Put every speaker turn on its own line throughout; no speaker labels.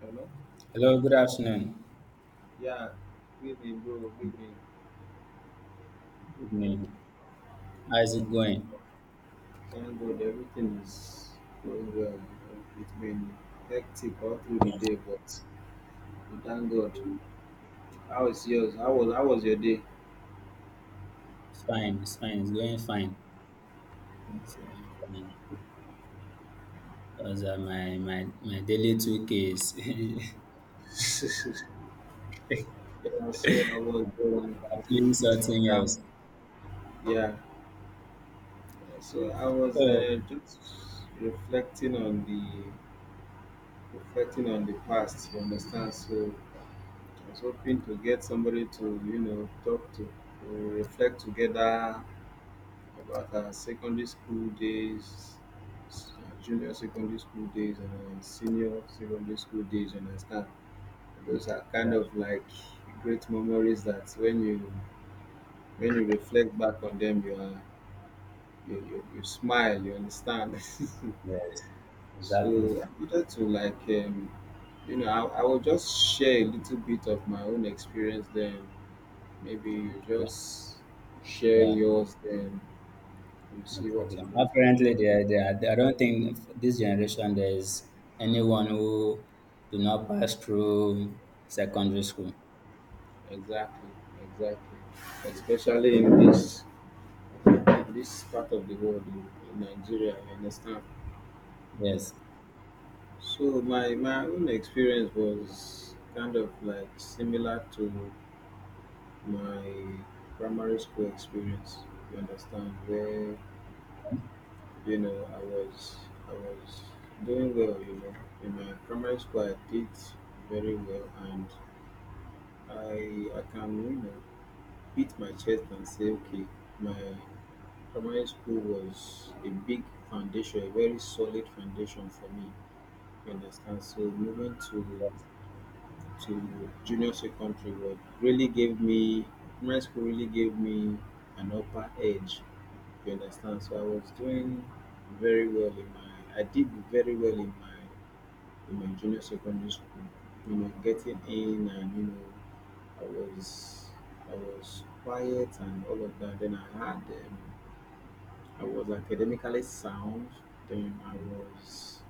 Hello?
Hello, good afternoon.
Yeah, baby, bro, baby.
Good evening. How's it going?
Thank God everything is going well. It's been hectic all through the day, but we thank God. How is yours? How was your day?
It's fine, it's going fine. It's going fine. Because my daily 2K is I'm
Yeah, so I was
doing something
that,
else.
yeah.
So,
Just reflecting on the past. You understand? So I was hoping to get somebody to talk to reflect together about our secondary school days, s- junior secondary school days, and our senior secondary school days. You understand? Those are
yeah,
kind of like great memories that when you reflect back on them, you are you smile. You understand?
yes, exactly.
So I wanted to like I will just share a little bit of my own experience. Then maybe you
Okay,
just share
yeah,
yours. Then you
no
see what you
problem.
look like.
Apparently, there, I don't think this generation there is anyone who do not pass through secondary school.
Exactly, exactly. Especially in this part of the world in Nigeria, I understand?
Yes,
So my own experience was kind of like similar to my primary school experience. You understand? Where you know I was doing well. You know, in my primary school I did very well, and I can you know beat my chest and say okay my primary school was a big foundation, a very solid foundation for me. You understand? So moving to
yes,
to junior secondary was really gave me primary school really gave me an upper edge. You understand? So I did very well in my junior secondary school. You know, getting in and you know I was I was quiet and all of that. Then I was academically sound. Then I was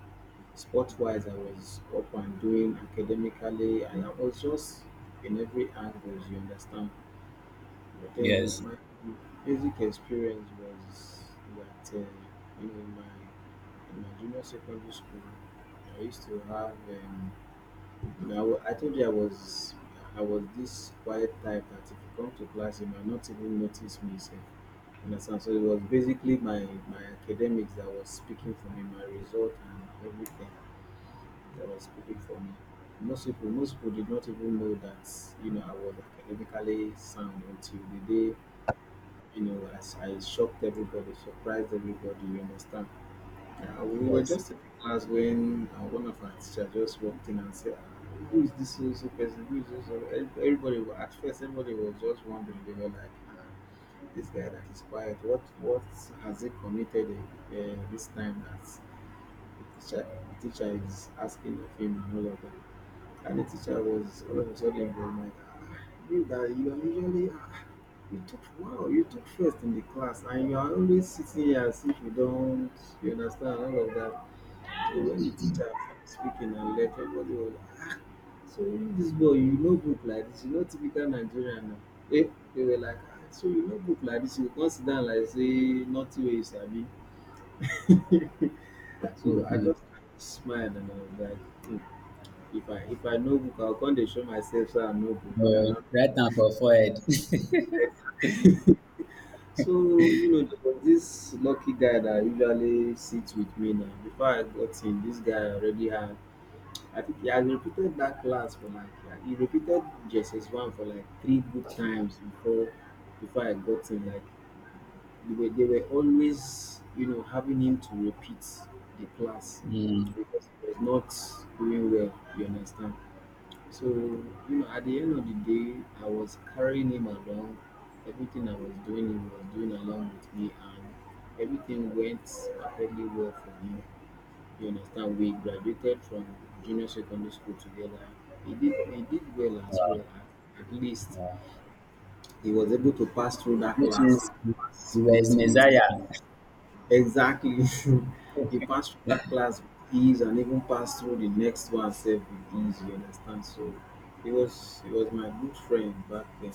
sport wise, I was up and doing academically, and I was just in every angle. You understand? But then
yes,
my music experience was that you know in my junior secondary school, I used to have. You know, I told you I was this quiet type that if you come to class, you might not even notice me. Sef. Understand? So it was basically my academics that was speaking for me, my result and everything that was speaking for me. Most people did not even know that you know I was academically sound until the day you know as I shocked everybody, surprised everybody. You understand? We were
yes.
just in class when one of our teachers just walked in and said, "Ah, who is this so so person? Who is this? So so-" Everybody, at first, everybody was just wondering. They were like, "Ah, this guy that is quiet, what has he committed this time that the teacher, the teacher is asking of him and all of that?" And the teacher was all of a sudden was like, "Ah, you that you are usually ah, you took first in the class, and you are always sitting here as if you don't," you understand all of that. So when the teacher started speaking and left, everybody was so you dis boy you no book like this, you no typical Nigerian na. Eh they were like ah so you no book like this, you come sit down like say nothing wey you sabi. So I
Mm-hmm.
just smile and I was like um if I no book I go come dey show myself sey I no book and
So,
na.
right now for forehead.
So you know there was dis lucky guy that usually sits with me now. Before I got in, this guy already had I think he has repeated that class for like he repeated JSS one for like three good times before I got him. Like they were always you know having him to repeat the class
Mm,
because he was not doing well. You understand? So you know at the end of the day, I was carrying him along. Everything I was doing, he was doing along with me, and everything went perfectly well for him. You understand? We graduated from junior secondary school together. He did well as well.
yeah,
At least
yeah.
he was able to pass through
It
that
makes
class
sense. You were his
with
Messiah.
exactly. He passed through that class with ease and even passed through the next one self with ease, you understand? So he was my good friend back then.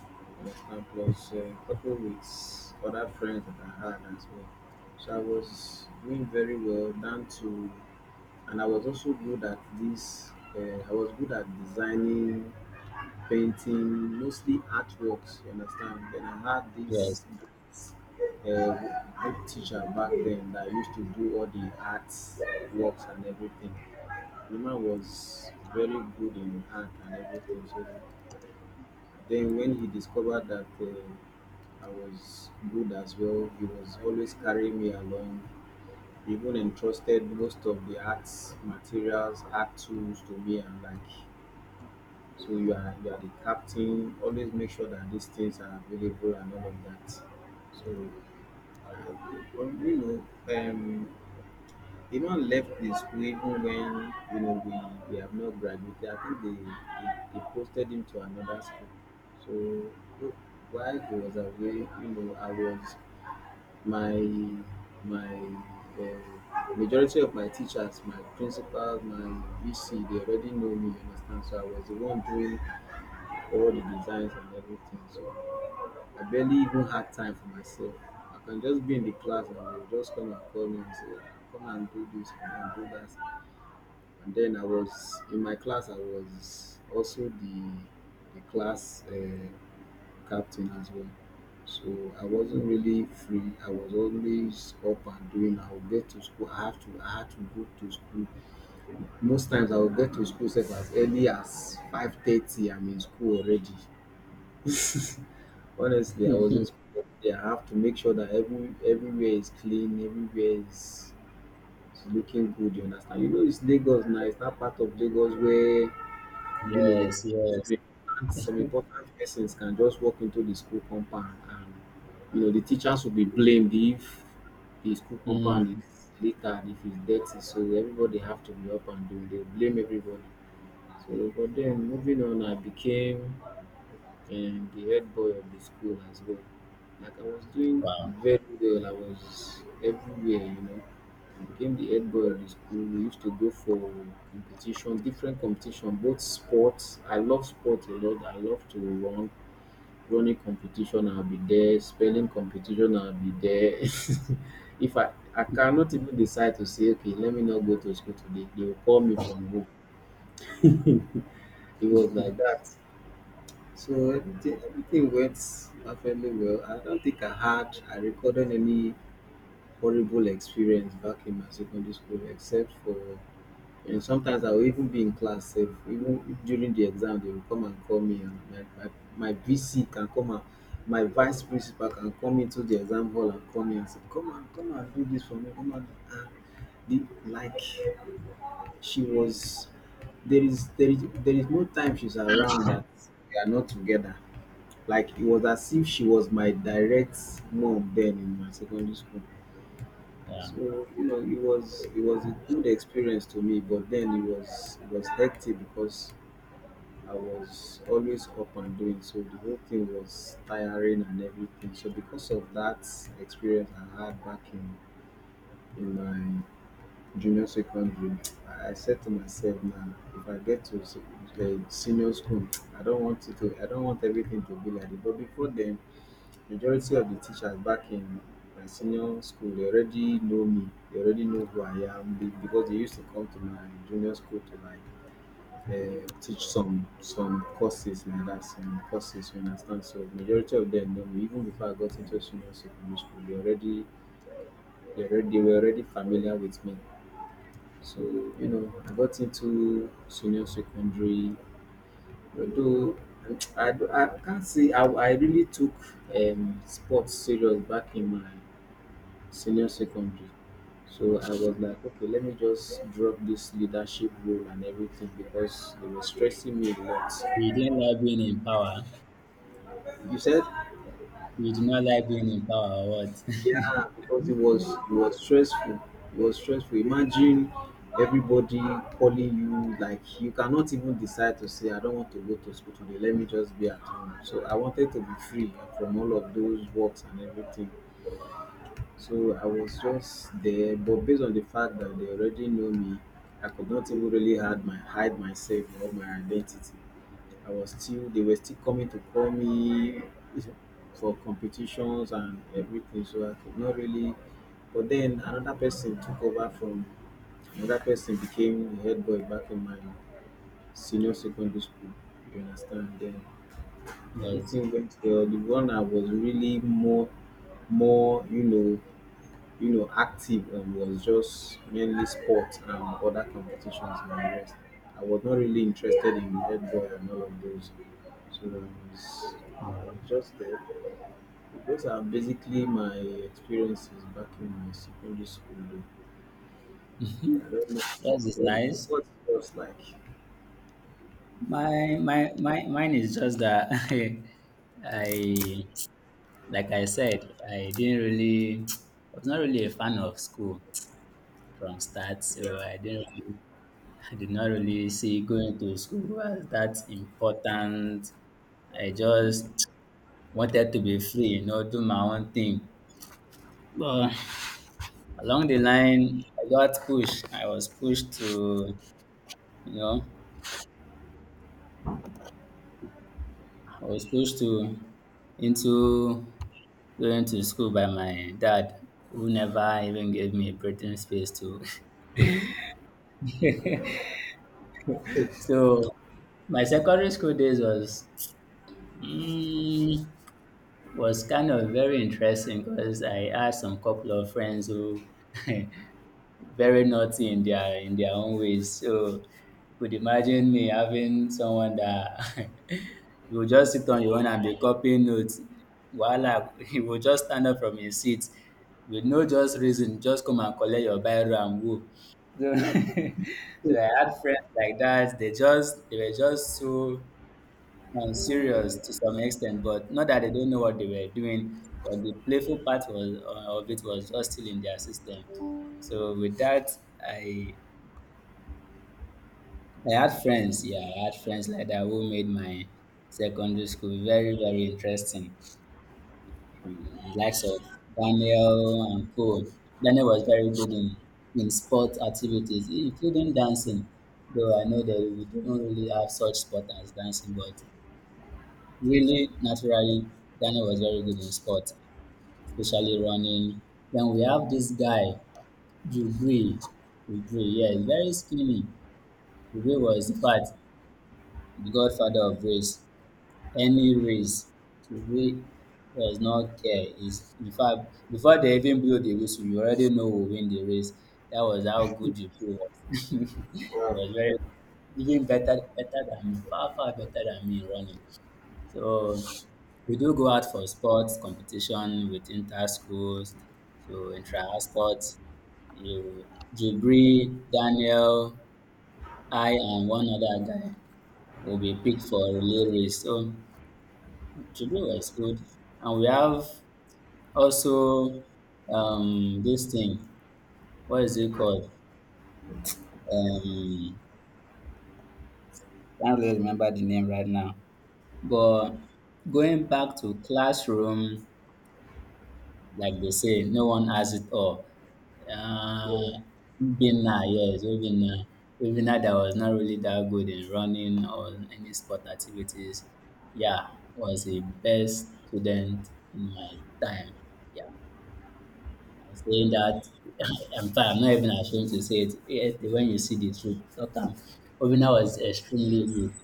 You understand? Plus a couple with other friends that I had as well. So I was doing very well down to and I was also good at this. I was good at designing, painting, mostly artworks. You understand? Then I had
Yes.
this good teacher back then that used to do all the arts works and everything. The man was very good in art and everything. So then when he discovered that I was good as well, he was always carrying me along, even entrusted most of the art materials, art tools to me and like, so you are the captain. Always make sure that these things are available and all of that. So uh, you know, the man left the school even when you know we have not graduated. I think they posted him to another school. So while he was away, you know, I was my my majority of my teachers, my principals, my VC, they already know me, you understand. So I was the one doing all the designs and everything. So I barely even had time for myself. I can just be in the class and they'll just come and call me and say, "Ah, come and do this, come and do that." And then I was in my class, I was also the class. Captain as well. So I wasn't really free. I was always up and doing. I would get to school. I have to. I had to go to school. Most times I would get to school sef as early as 5:30. I'm in school already. Honestly, I was in school. Yeah, I have to make sure that everywhere is clean. Everywhere is looking good. You understand? You know, it's Lagos now. It's that part of Lagos where you know,
Yes, yes.
semi-professional semi persons can just walk into the school compound and you know the teachers will be blamed if the school compound
Mm,
is littered, if it's dirty. So everybody have to be up and doing. They blame everybody. So but then moving on, I became and the head boy of the school as well. Like I was doing
wow.
very well. I was everywhere, you know. I became the head boy of the school. We used to go for competition, different competition, both sports. I love sports a lot. I love to run. Running competition, I'll be there. Spelling competition, I'll be there. if I I cannot even decide to say, okay, let me not go to school today. They will call me from home. It was like that. So everything went perfectly well. I don't think I recorded any horrible experience back in my secondary school except for you know, sometimes I will even be in class safe even during the exam they will come and call me and my VC can come and my vice principal can come into the exam hall and call me and say come and come and do this for me come and the like she was there is no time she's around that we are not together, like it was as if she was my direct mom then in my secondary school.
Yeah.
So you know, it was a good experience to me, but then it was hectic because I was always up and doing. So the whole thing was tiring and everything. So because of that experience I had back in my junior secondary, I said to myself, now if I get to senior school, I don't want everything to be like it. But before then majority of the teachers back in my senior school they already know me. They already know who I am, be because they used to come to my junior school to like teach some courses like that, some courses, you understand. So majority of them know me even before I got into senior secondary school. They already dey were already familiar with me. So you know I got into senior secondary, although I can't say I really took sports serious back in my senior secondary. So I was like, okay, let me just drop this leadership role and everything because they were stressing me a lot.
He didn't like being in power.
You said,
He did not like being in power or what?
yeah, because it was stressful. It was stressful. Imagine everybody calling you like you cannot even decide to say, I don't want to go to school today. Let me just be at home. So I wanted to be free from all of those works and everything. So I was just there, but based on the fact that they already know me, I could not even really hide myself or my identity. I was still they were still coming to call me for competitions and everything, so I could not really. But then another person took over from another person became the head boy back in my senior secondary school. You understand? Then
Yes.
everything went well. The one I was really more you know active, was just mainly sport and other competitions and the rest. I was not really interested in head and all of those. So I
Yeah.
was just there. Those are basically my experiences back in my secondary school days. I don't know
Yours is
what
nice.
what it was like.
My mine is just that I like I said, I didn't really I was not really a fan of school from start, so
Yeah.
I didn't really I did not really see going to school as that important. I just wanted to be free, you know, do my own thing. But along the line, I got pushed. I was pushed to, you know, I was pushed to into going to school by my dad, who never even gave me a breathing space to. So my secondary school days was. mm, was kind of very interesting because I had some couple of friends who very naughty in their own ways. So you could imagine me having someone that you will just sit on your own and be copying notes. Voila, he will just stand up from his seat with no just reason, just come and collect your biro and go. So, so I had friends like that. They were just so serious to some extent, but not that they don't know what they were doing, but the playful part was of it was just still in their system. So with that, I I had friends, yeah, I had friends like that who made my secondary school very very interesting. Mm, likes of Daniel and Co. Daniel was very good in sport activities, including dancing. Though I know that we don't really have such sport as dancing, but really, naturally, Daniel was very good in sport, especially running. Then we have this guy, Jubri. Jubri, yeah, he's very skinny. Jubri was, in fact, the godfather of race. Any race, Jubri does not care. He's, in fact, before they even blew the whistle, you already know who will win the race. That was how good Jubri was. He
Wow.
was very even better than me, far better than me in running. So we do go out for sports competition with inter schools, so intra sports. You, Jubri, Daniel, I, and one other guy will be picked for relay race. So Jubri was good, and we have also this thing. What is it called? Um, can't really remember the name right now. But going back to classroom like they say, no one has it all.
Yeah.
Uh, Obinna, yes, Obinna. Obinna that was not really that good in running or any sport activities. Yeah, was the best student in my time. Yeah, I'm saying that. Am fine. I'm not even ashamed to say it. Yet, when you see the truth, okay. Obinna was extremely good.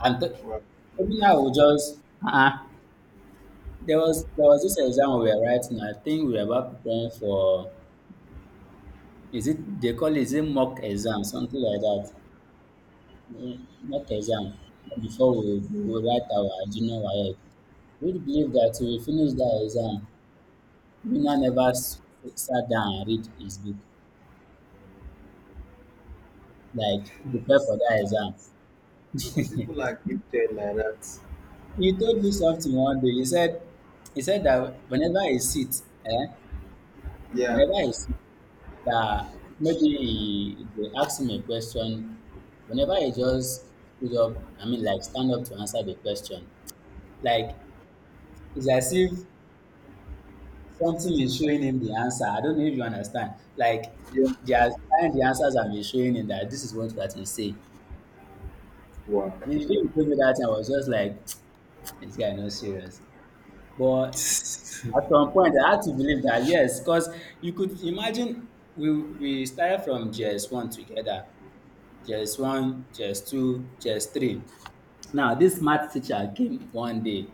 I'm t-
Wow.
Obinna will just uh-uh. There was this exam we were writing. I think we were about preparing for is it they call it is it mock exam, something like that. Mm, Mock exam before we write our junior YF. We believe that we finish that exam. Winner never sat down and read his book, like prepare for that exam.
Some, some people are gifted like that.
He told me something one day. He said that whenever he sits,
Yeah.
whenever he sits, that maybe he, they ask him a question, whenever he just stood up, I mean like stand up to answer the question, like it's as if something is showing him the answer. I don't know if you understand. Like
Yeah.
they are trying the answers and be showing him that this is what you have to say.
Wow.
When you told me that, I was just like, this guy not serious. But at some point, I had to believe that yes, because you could imagine we we started from JS one together, JS one, JS two, JS three. Now this math teacher came one day.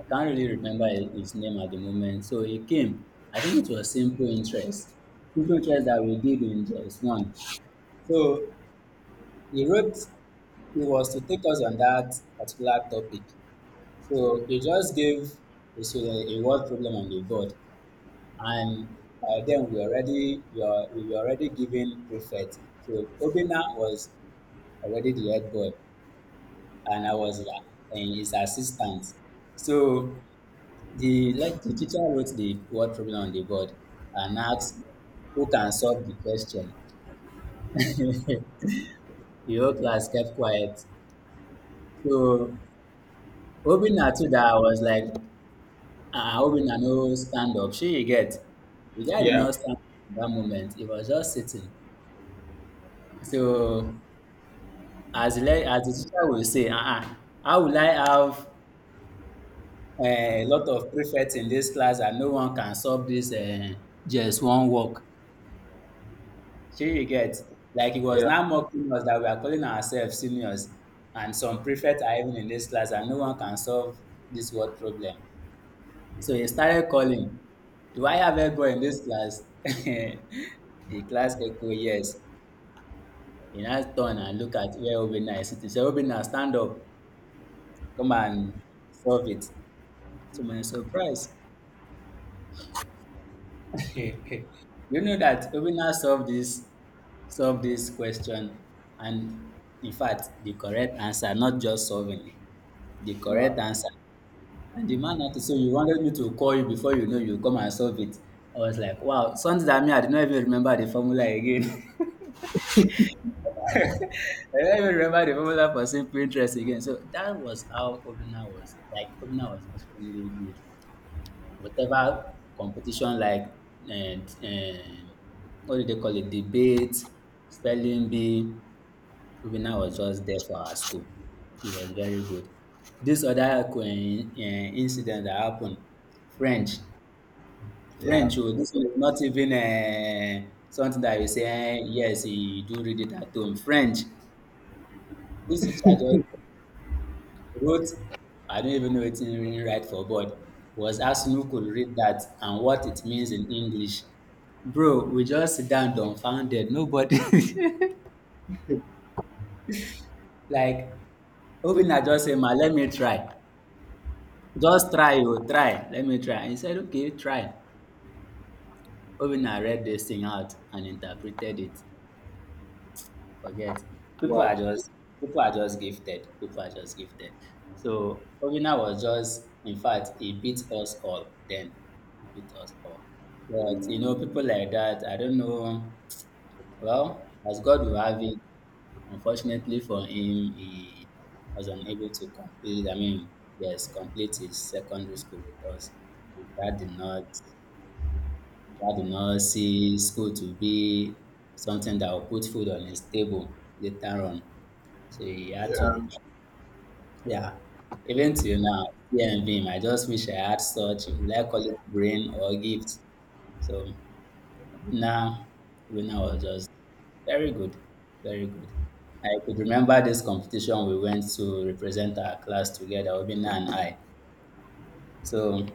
I can't really remember his name at the moment. So he came. I think it was simple interest. Simple interest that we did in just one. So he wrote, he was to take us on that particular topic. So he just gave the student a word problem on the board. And by then we were already given prefect. So Obina was already the head boy and I was his assistant. So the like the teacher wrote the word problem on the board and asked who can solve the question. The whole class kept quiet. So Obinna too that I was like, ah, Obinna no stand up. Shey you get. The guy did
Yeah,
not stand up in that moment. He was just sitting. So as the as the teacher will say, uh-uh, how will I have a lot of prefects in this class and no one can solve this just one work? Shey you get? Like he was
yeah.
now mocking us that we are calling ourselves seniors and some prefects are even in this class and no one can solve this word problem. So he started calling, do I have help boy in this class? The class echo yes. He now turn and look at where Obinna is sitting. Say Obinna stand up, come and solve it. To my surprise, you know that Obinna solved this question, and in fact, the correct answer, not just solving it, the
Wow.
correct answer. And the man had to say, "You wanted me to call you before you know you come and solve it." I was like, "Wow, something that me I did not even remember the formula again. I don't even remember the formula for simple interest again." So that was how Obinna was. Like Obinna was extremely good. Whatever competition like um, um, what do they call it, debate, spelling bee, Obinna was just there for our school. He was very good. This other incident that happened, French.
Yeah.
French, oh, this one is not even something that you say, yes, you do read it at home. French, this teacher just wrote, I don't even know it's in really right for, but was asking who could read that and what it means in English. Bro, we just sit down dumbfounded. Nobody like Obina just say, Ma, let me try. Just try, you try. Let me try. And he said, okay, try. Obina read this thing out and interpreted it. Forget. People are
Wow.
just People are just gifted. People are just gifted. So Obina was just in fact he beat us all then. He beat us all. But you know, people like that, I don't know. Well, as God will have it, unfortunately for him, he was unable to complete I mean, yes, complete his secondary school with us. That did not that did not see school to be something that will put food on his table later on. So he had to,
Yeah,
yeah. Even till now, and him, I just wish I had such, will I call it brain or gift? So now, Runa was just very good, very good. I could remember this competition we went to represent our class together, Obina and I. So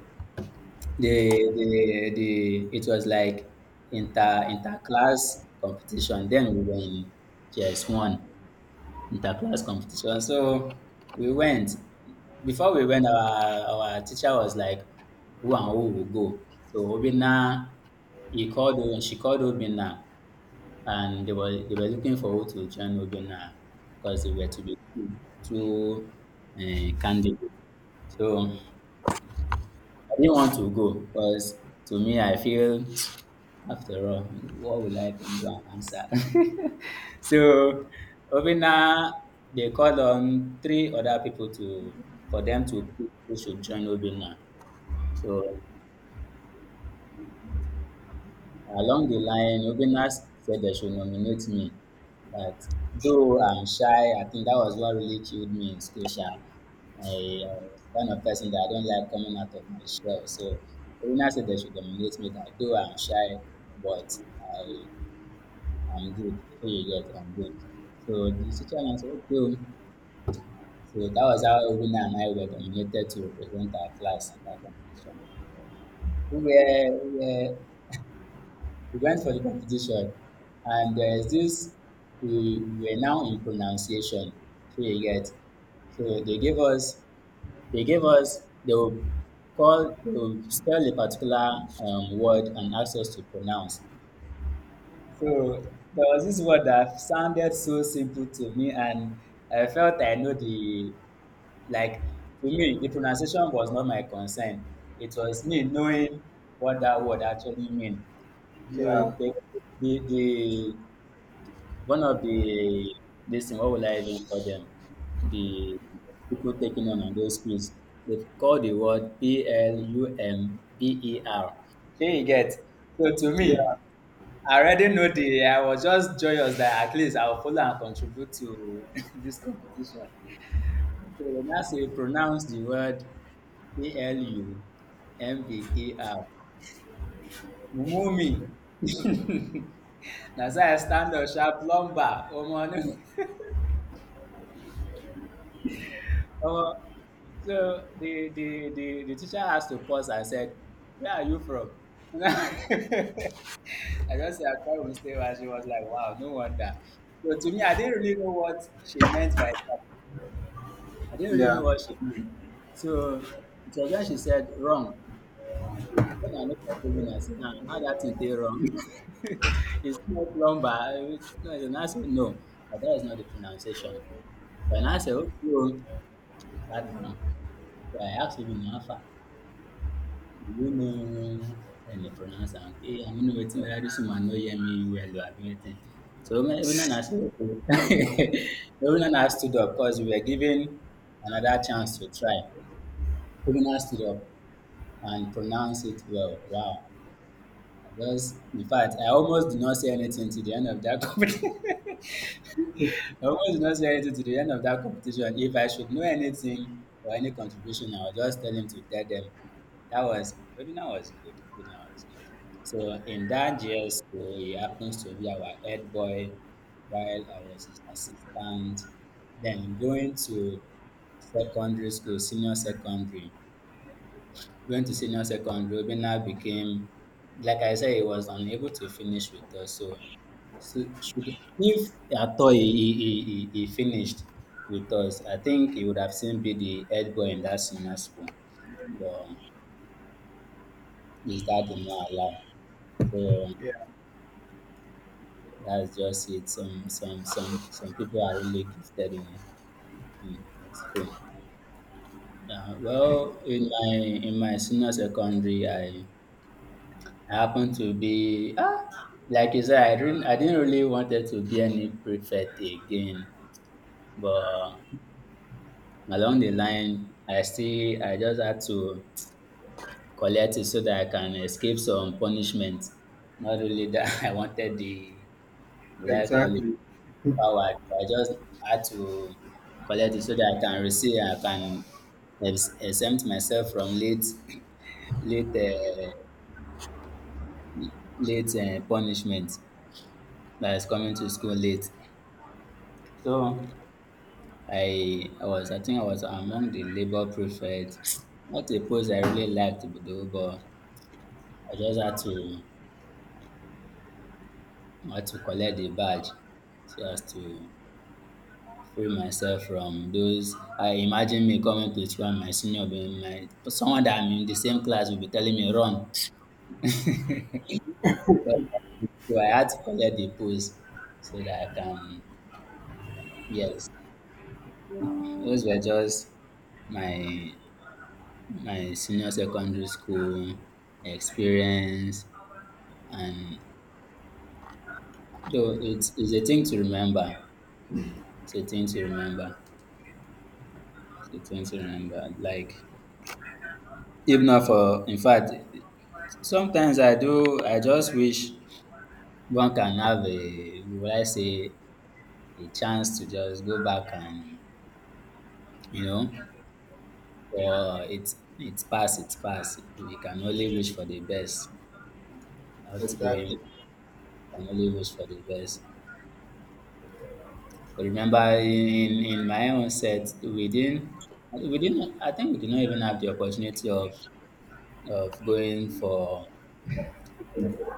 the it was like inter class competition. Then we were in JS one. Interclass competition. So we went. Before we went, our teacher was like, who and who will go. So Obina, he called, and she called Obina, and they were looking for who to join Obina because they were to be two candidates. So I didn't want to go because to me I feel after all, what will I even do and answer? So Obina, they called on three other people to for them to pick who should join Obina. So along the line, Obina said they should nominate me. But though I'm shy, I think that was what really killed me in school. Sha. I was the kind of person that I don't like coming out of my shell. So Obina said they should nominate me. That though I'm shy, but I am good. So you get, I'm good. So the teacher now said, okay. oh. So that was how Winner and I were nominated to represent our class in that competition. We were, we were, we went for the competition, and there's this, we were now in pronunciation. So you get, so they gave us, they will spell a particular word and ask us to pronounce. So there was this word that sounded so simple to me, and I felt I know the like to me, the pronunciation was not my concern. It was me knowing what that word actually mean. So
yeah,
the one of the this thing, what will I even call them? The people taking on those quiz. They call the word Plumber. Here you get. So to me,
yeah,
I already know the I was just joyous that at least I'll follow and contribute to this competition. So that's you pronounce the word Plumber. Mumumi. That's why I stand up sharp lumber. Oh omo. So the teacher has to pause and said, where are you from? I just said I quite will stay and she was like, wow, no wonder. So to me, I didn't really know what she meant by that. I didn't really know
yeah,
what she meant. So it was when she said wrong. When I look at it, and I say, ah, how that thing dey wrong? It's not plumber. It's, no, it's not. I say, no, but that is not the pronunciation. Then I say, okay, oh, sat down. So I asked him, Alpha, do you know how they pronounce am? Okay, I mean, waiting whether this woman no hear me well or abi wetin. So when I say okay, when I stood up, cause we were given another chance to try. When I stood up and pronounce it well, wow. Because, in fact, I almost did not say anything to the end of that competition. I almost did not say anything to the end of that competition. If I should know anything or any contribution, I would just tell him to tell them. That was webinar was good. Webinar was good. So in that GS school, he happens to be our head boy while I was his assistant. Then going to secondary school, senior secondary. Went to senior secondary, Obina became, like I said, he was unable to finish with us. So so should, if Atoy he finished with us, I think he would have seen be the head boy in that senior school. But his dad did not allow. So
yeah.
that's just it. Some people are really gifted in school. Yeah, well, in my senior secondary, I happened to be like you said, I didn't really wanted to be any prefect again, but along the line I just had to collect it so that I can escape some punishment. Not really that I wanted the would I call it
Exactly,
power. I just had to collect it so that I can exempt myself from late late uh, late punishment that is coming to school late. So I think I was among the labor prefect. Not a post I really liked though, but I just had to I had to collect the badge so as to free myself from those. I imagine me coming to school and my senior being my someone that I'm in the same class will be telling me run. So I had to collect the post so that I can yes. Those were just my my senior secondary school experience and though it's a thing to remember. It's a thing to remember. It's a thing to remember. Like if not for in fact sometimes I do, I just wish one can have a, will I say, a chance to just go back and, you know, it's past, it's past. We can only wish for the best, not going, we
exactly.
can only wish for the best. 'Cause remember in my own set, we didn't, I think we did not even have the opportunity of going for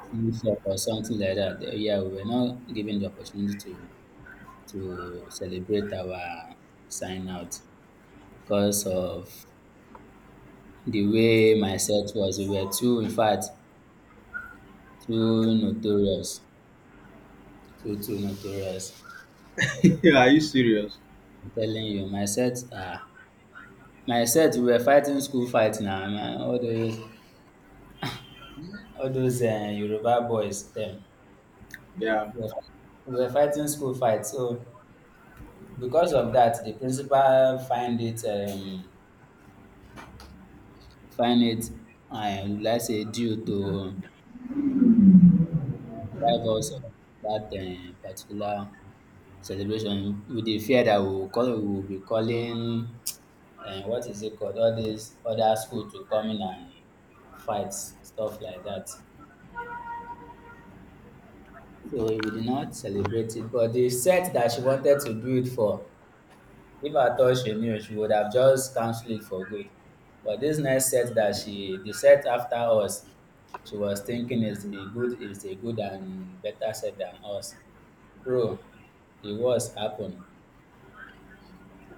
citizenship or something like that. Yeah, we were not given the opportunity to celebrate our sign out because of the way my set was. We were too, in fact, too notorious. Too, too notorious.
Yeah, are you serious?
I'm telling you, my set, we were fighting school fight now. Man. All those Yoruba boys, them.
Yeah.
We were we were fighting school fight. So because of that, the principal find it, I would like say due to rivals of dat particular celebration with the fear that we will be calling what is it called all these other school to come in and fight stuff like that, so we did not celebrate it. But the set that she wanted to do it for, if at all she knew, she would have just cancelled it for good. But this next set that she the set after us, she was thinking is a good and better set than us. Bro, the worst happen.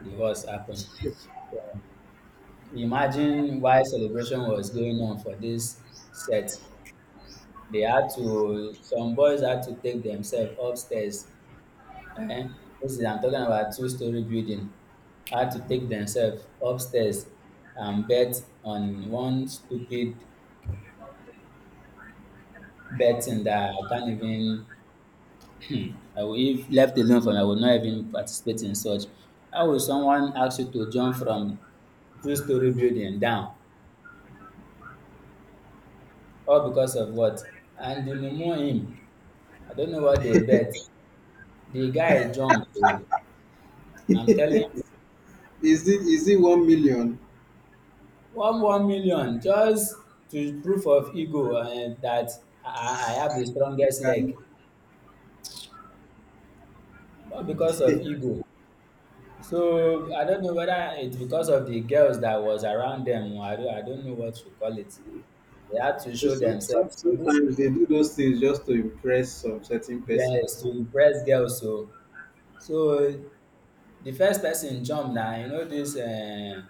The horse happened. Imagine why celebration was going on for this set. They had to, some boys had to take themselves upstairs. Eh. This is, I'm talking about two-story building. Had to take themselves upstairs and bet on one stupid betting that I can't even, I will, if left alone from, I would not even participate in such. How will someone ask you to jump from two-story building down? All because of what? And you mumu him. I don't know what they bet. The guy jumped. Oh. I'm telling you,
Is it 1 million?
one million just to proof of ego and that I have the
You
strongest
can
leg, not because of ego. So I don't know whether it's because of the girls that was around them. I don't know what to call it. They had to show
some,
themselves. So this,
sometimes they do those things just to impress some certain
yes,
persons.
to impress girls. So so the first person jumped now. You know this.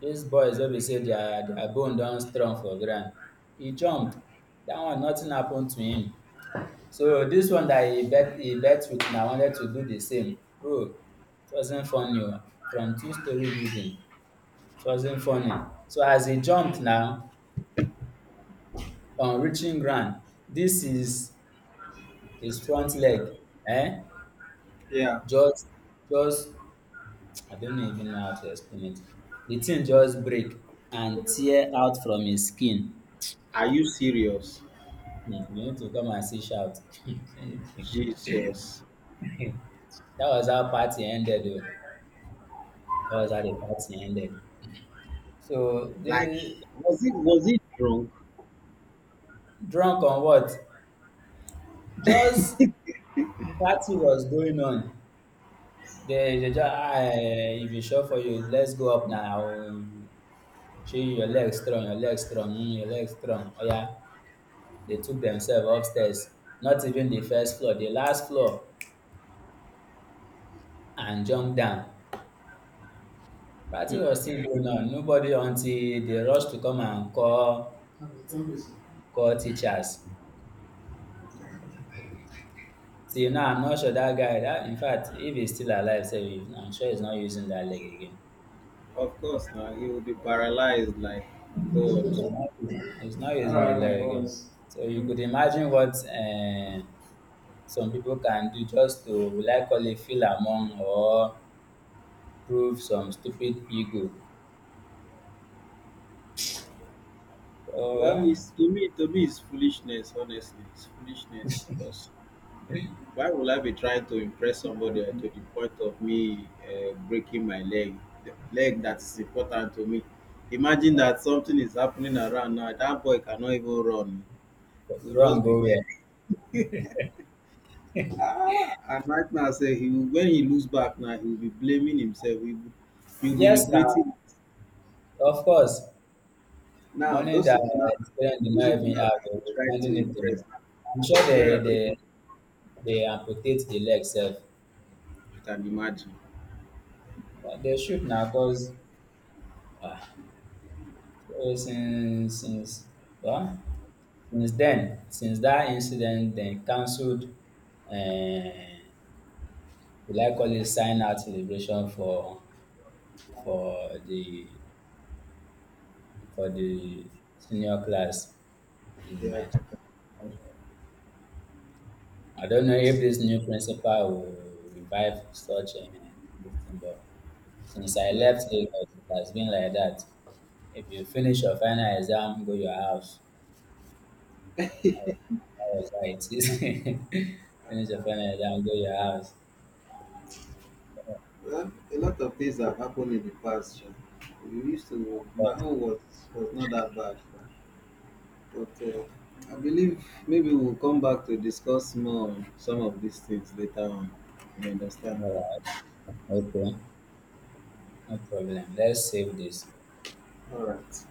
Dis boys wey be say their bone don strong for ground, e jump, dat one nothing happen to him. So dis one dat he bet with na wanted to do the same. Bro, it wasn't funny oo, from two-storey building, it wasn't funny. So as he jump now, on reaching ground, dis his front leg um
Yeah.
just just I don't even know how to explain it. The thing just break and tear out from his skin.
Are you serious?
Hmm, you need to come and see shout.
Jesus.
That was how party ended o. That was how the party ended. So
Like
the
was it drunk?
drunk on what? Just party was going on. They just ah eh, if e sure for you let's go up now shey your leg strong oya. They took themselves upstairs, not even the first floor, the last floor, and jump down. Party was still going on, nobody, until they rush to come and call teachers. Till now I'm not sure that guy, that, in fact, if he's still alive sef I'm sure he's not using that leg again.
Of course now he will be paralyzed, like, God.
He's not using the dat leg again. So you could imagine what some people can do just to will I call it feel among or prove some stupid ego.
Well,
Or
it's to me, to me it's foolishness, honestly. It's foolishness. Because, why would I be trying to impress somebody to the point of me breaking my leg, the leg that is important to me? Imagine that something is happening around now. That boy cannot even run. He will
wrong
just be
go
there.
where.
Ah, and right now, when he looks back now, he will be blaming himself. He will be
Yes now,
regretting it.
of course.
Now,
Money that his parents did
those
not
people
even
now
have,
that
they
he
was
tried to
lending it to
impress
him.
now,
I'm sure
where are those people?
they amputate the leg sef.
You can imagine.
But they should na cause um so since, well, since then, since that incident, dem cancelled um will I call it sign out celebration for the for the senior class in
Yeah,
my school. I don't know if this new principal will revive such dis thing, but since I
yeah.
left Lagos, it has been like that. If you finish your final exam, go your house. I was, I was like, finish your final exam, go your house.
Well, a lot of things have happened in the past, sha. My
But,
own was not that bad, sha. But I believe maybe we'll come back to discuss more on some of these things later on. You understand?
all right, okay, no problem. Let's save this.
All right.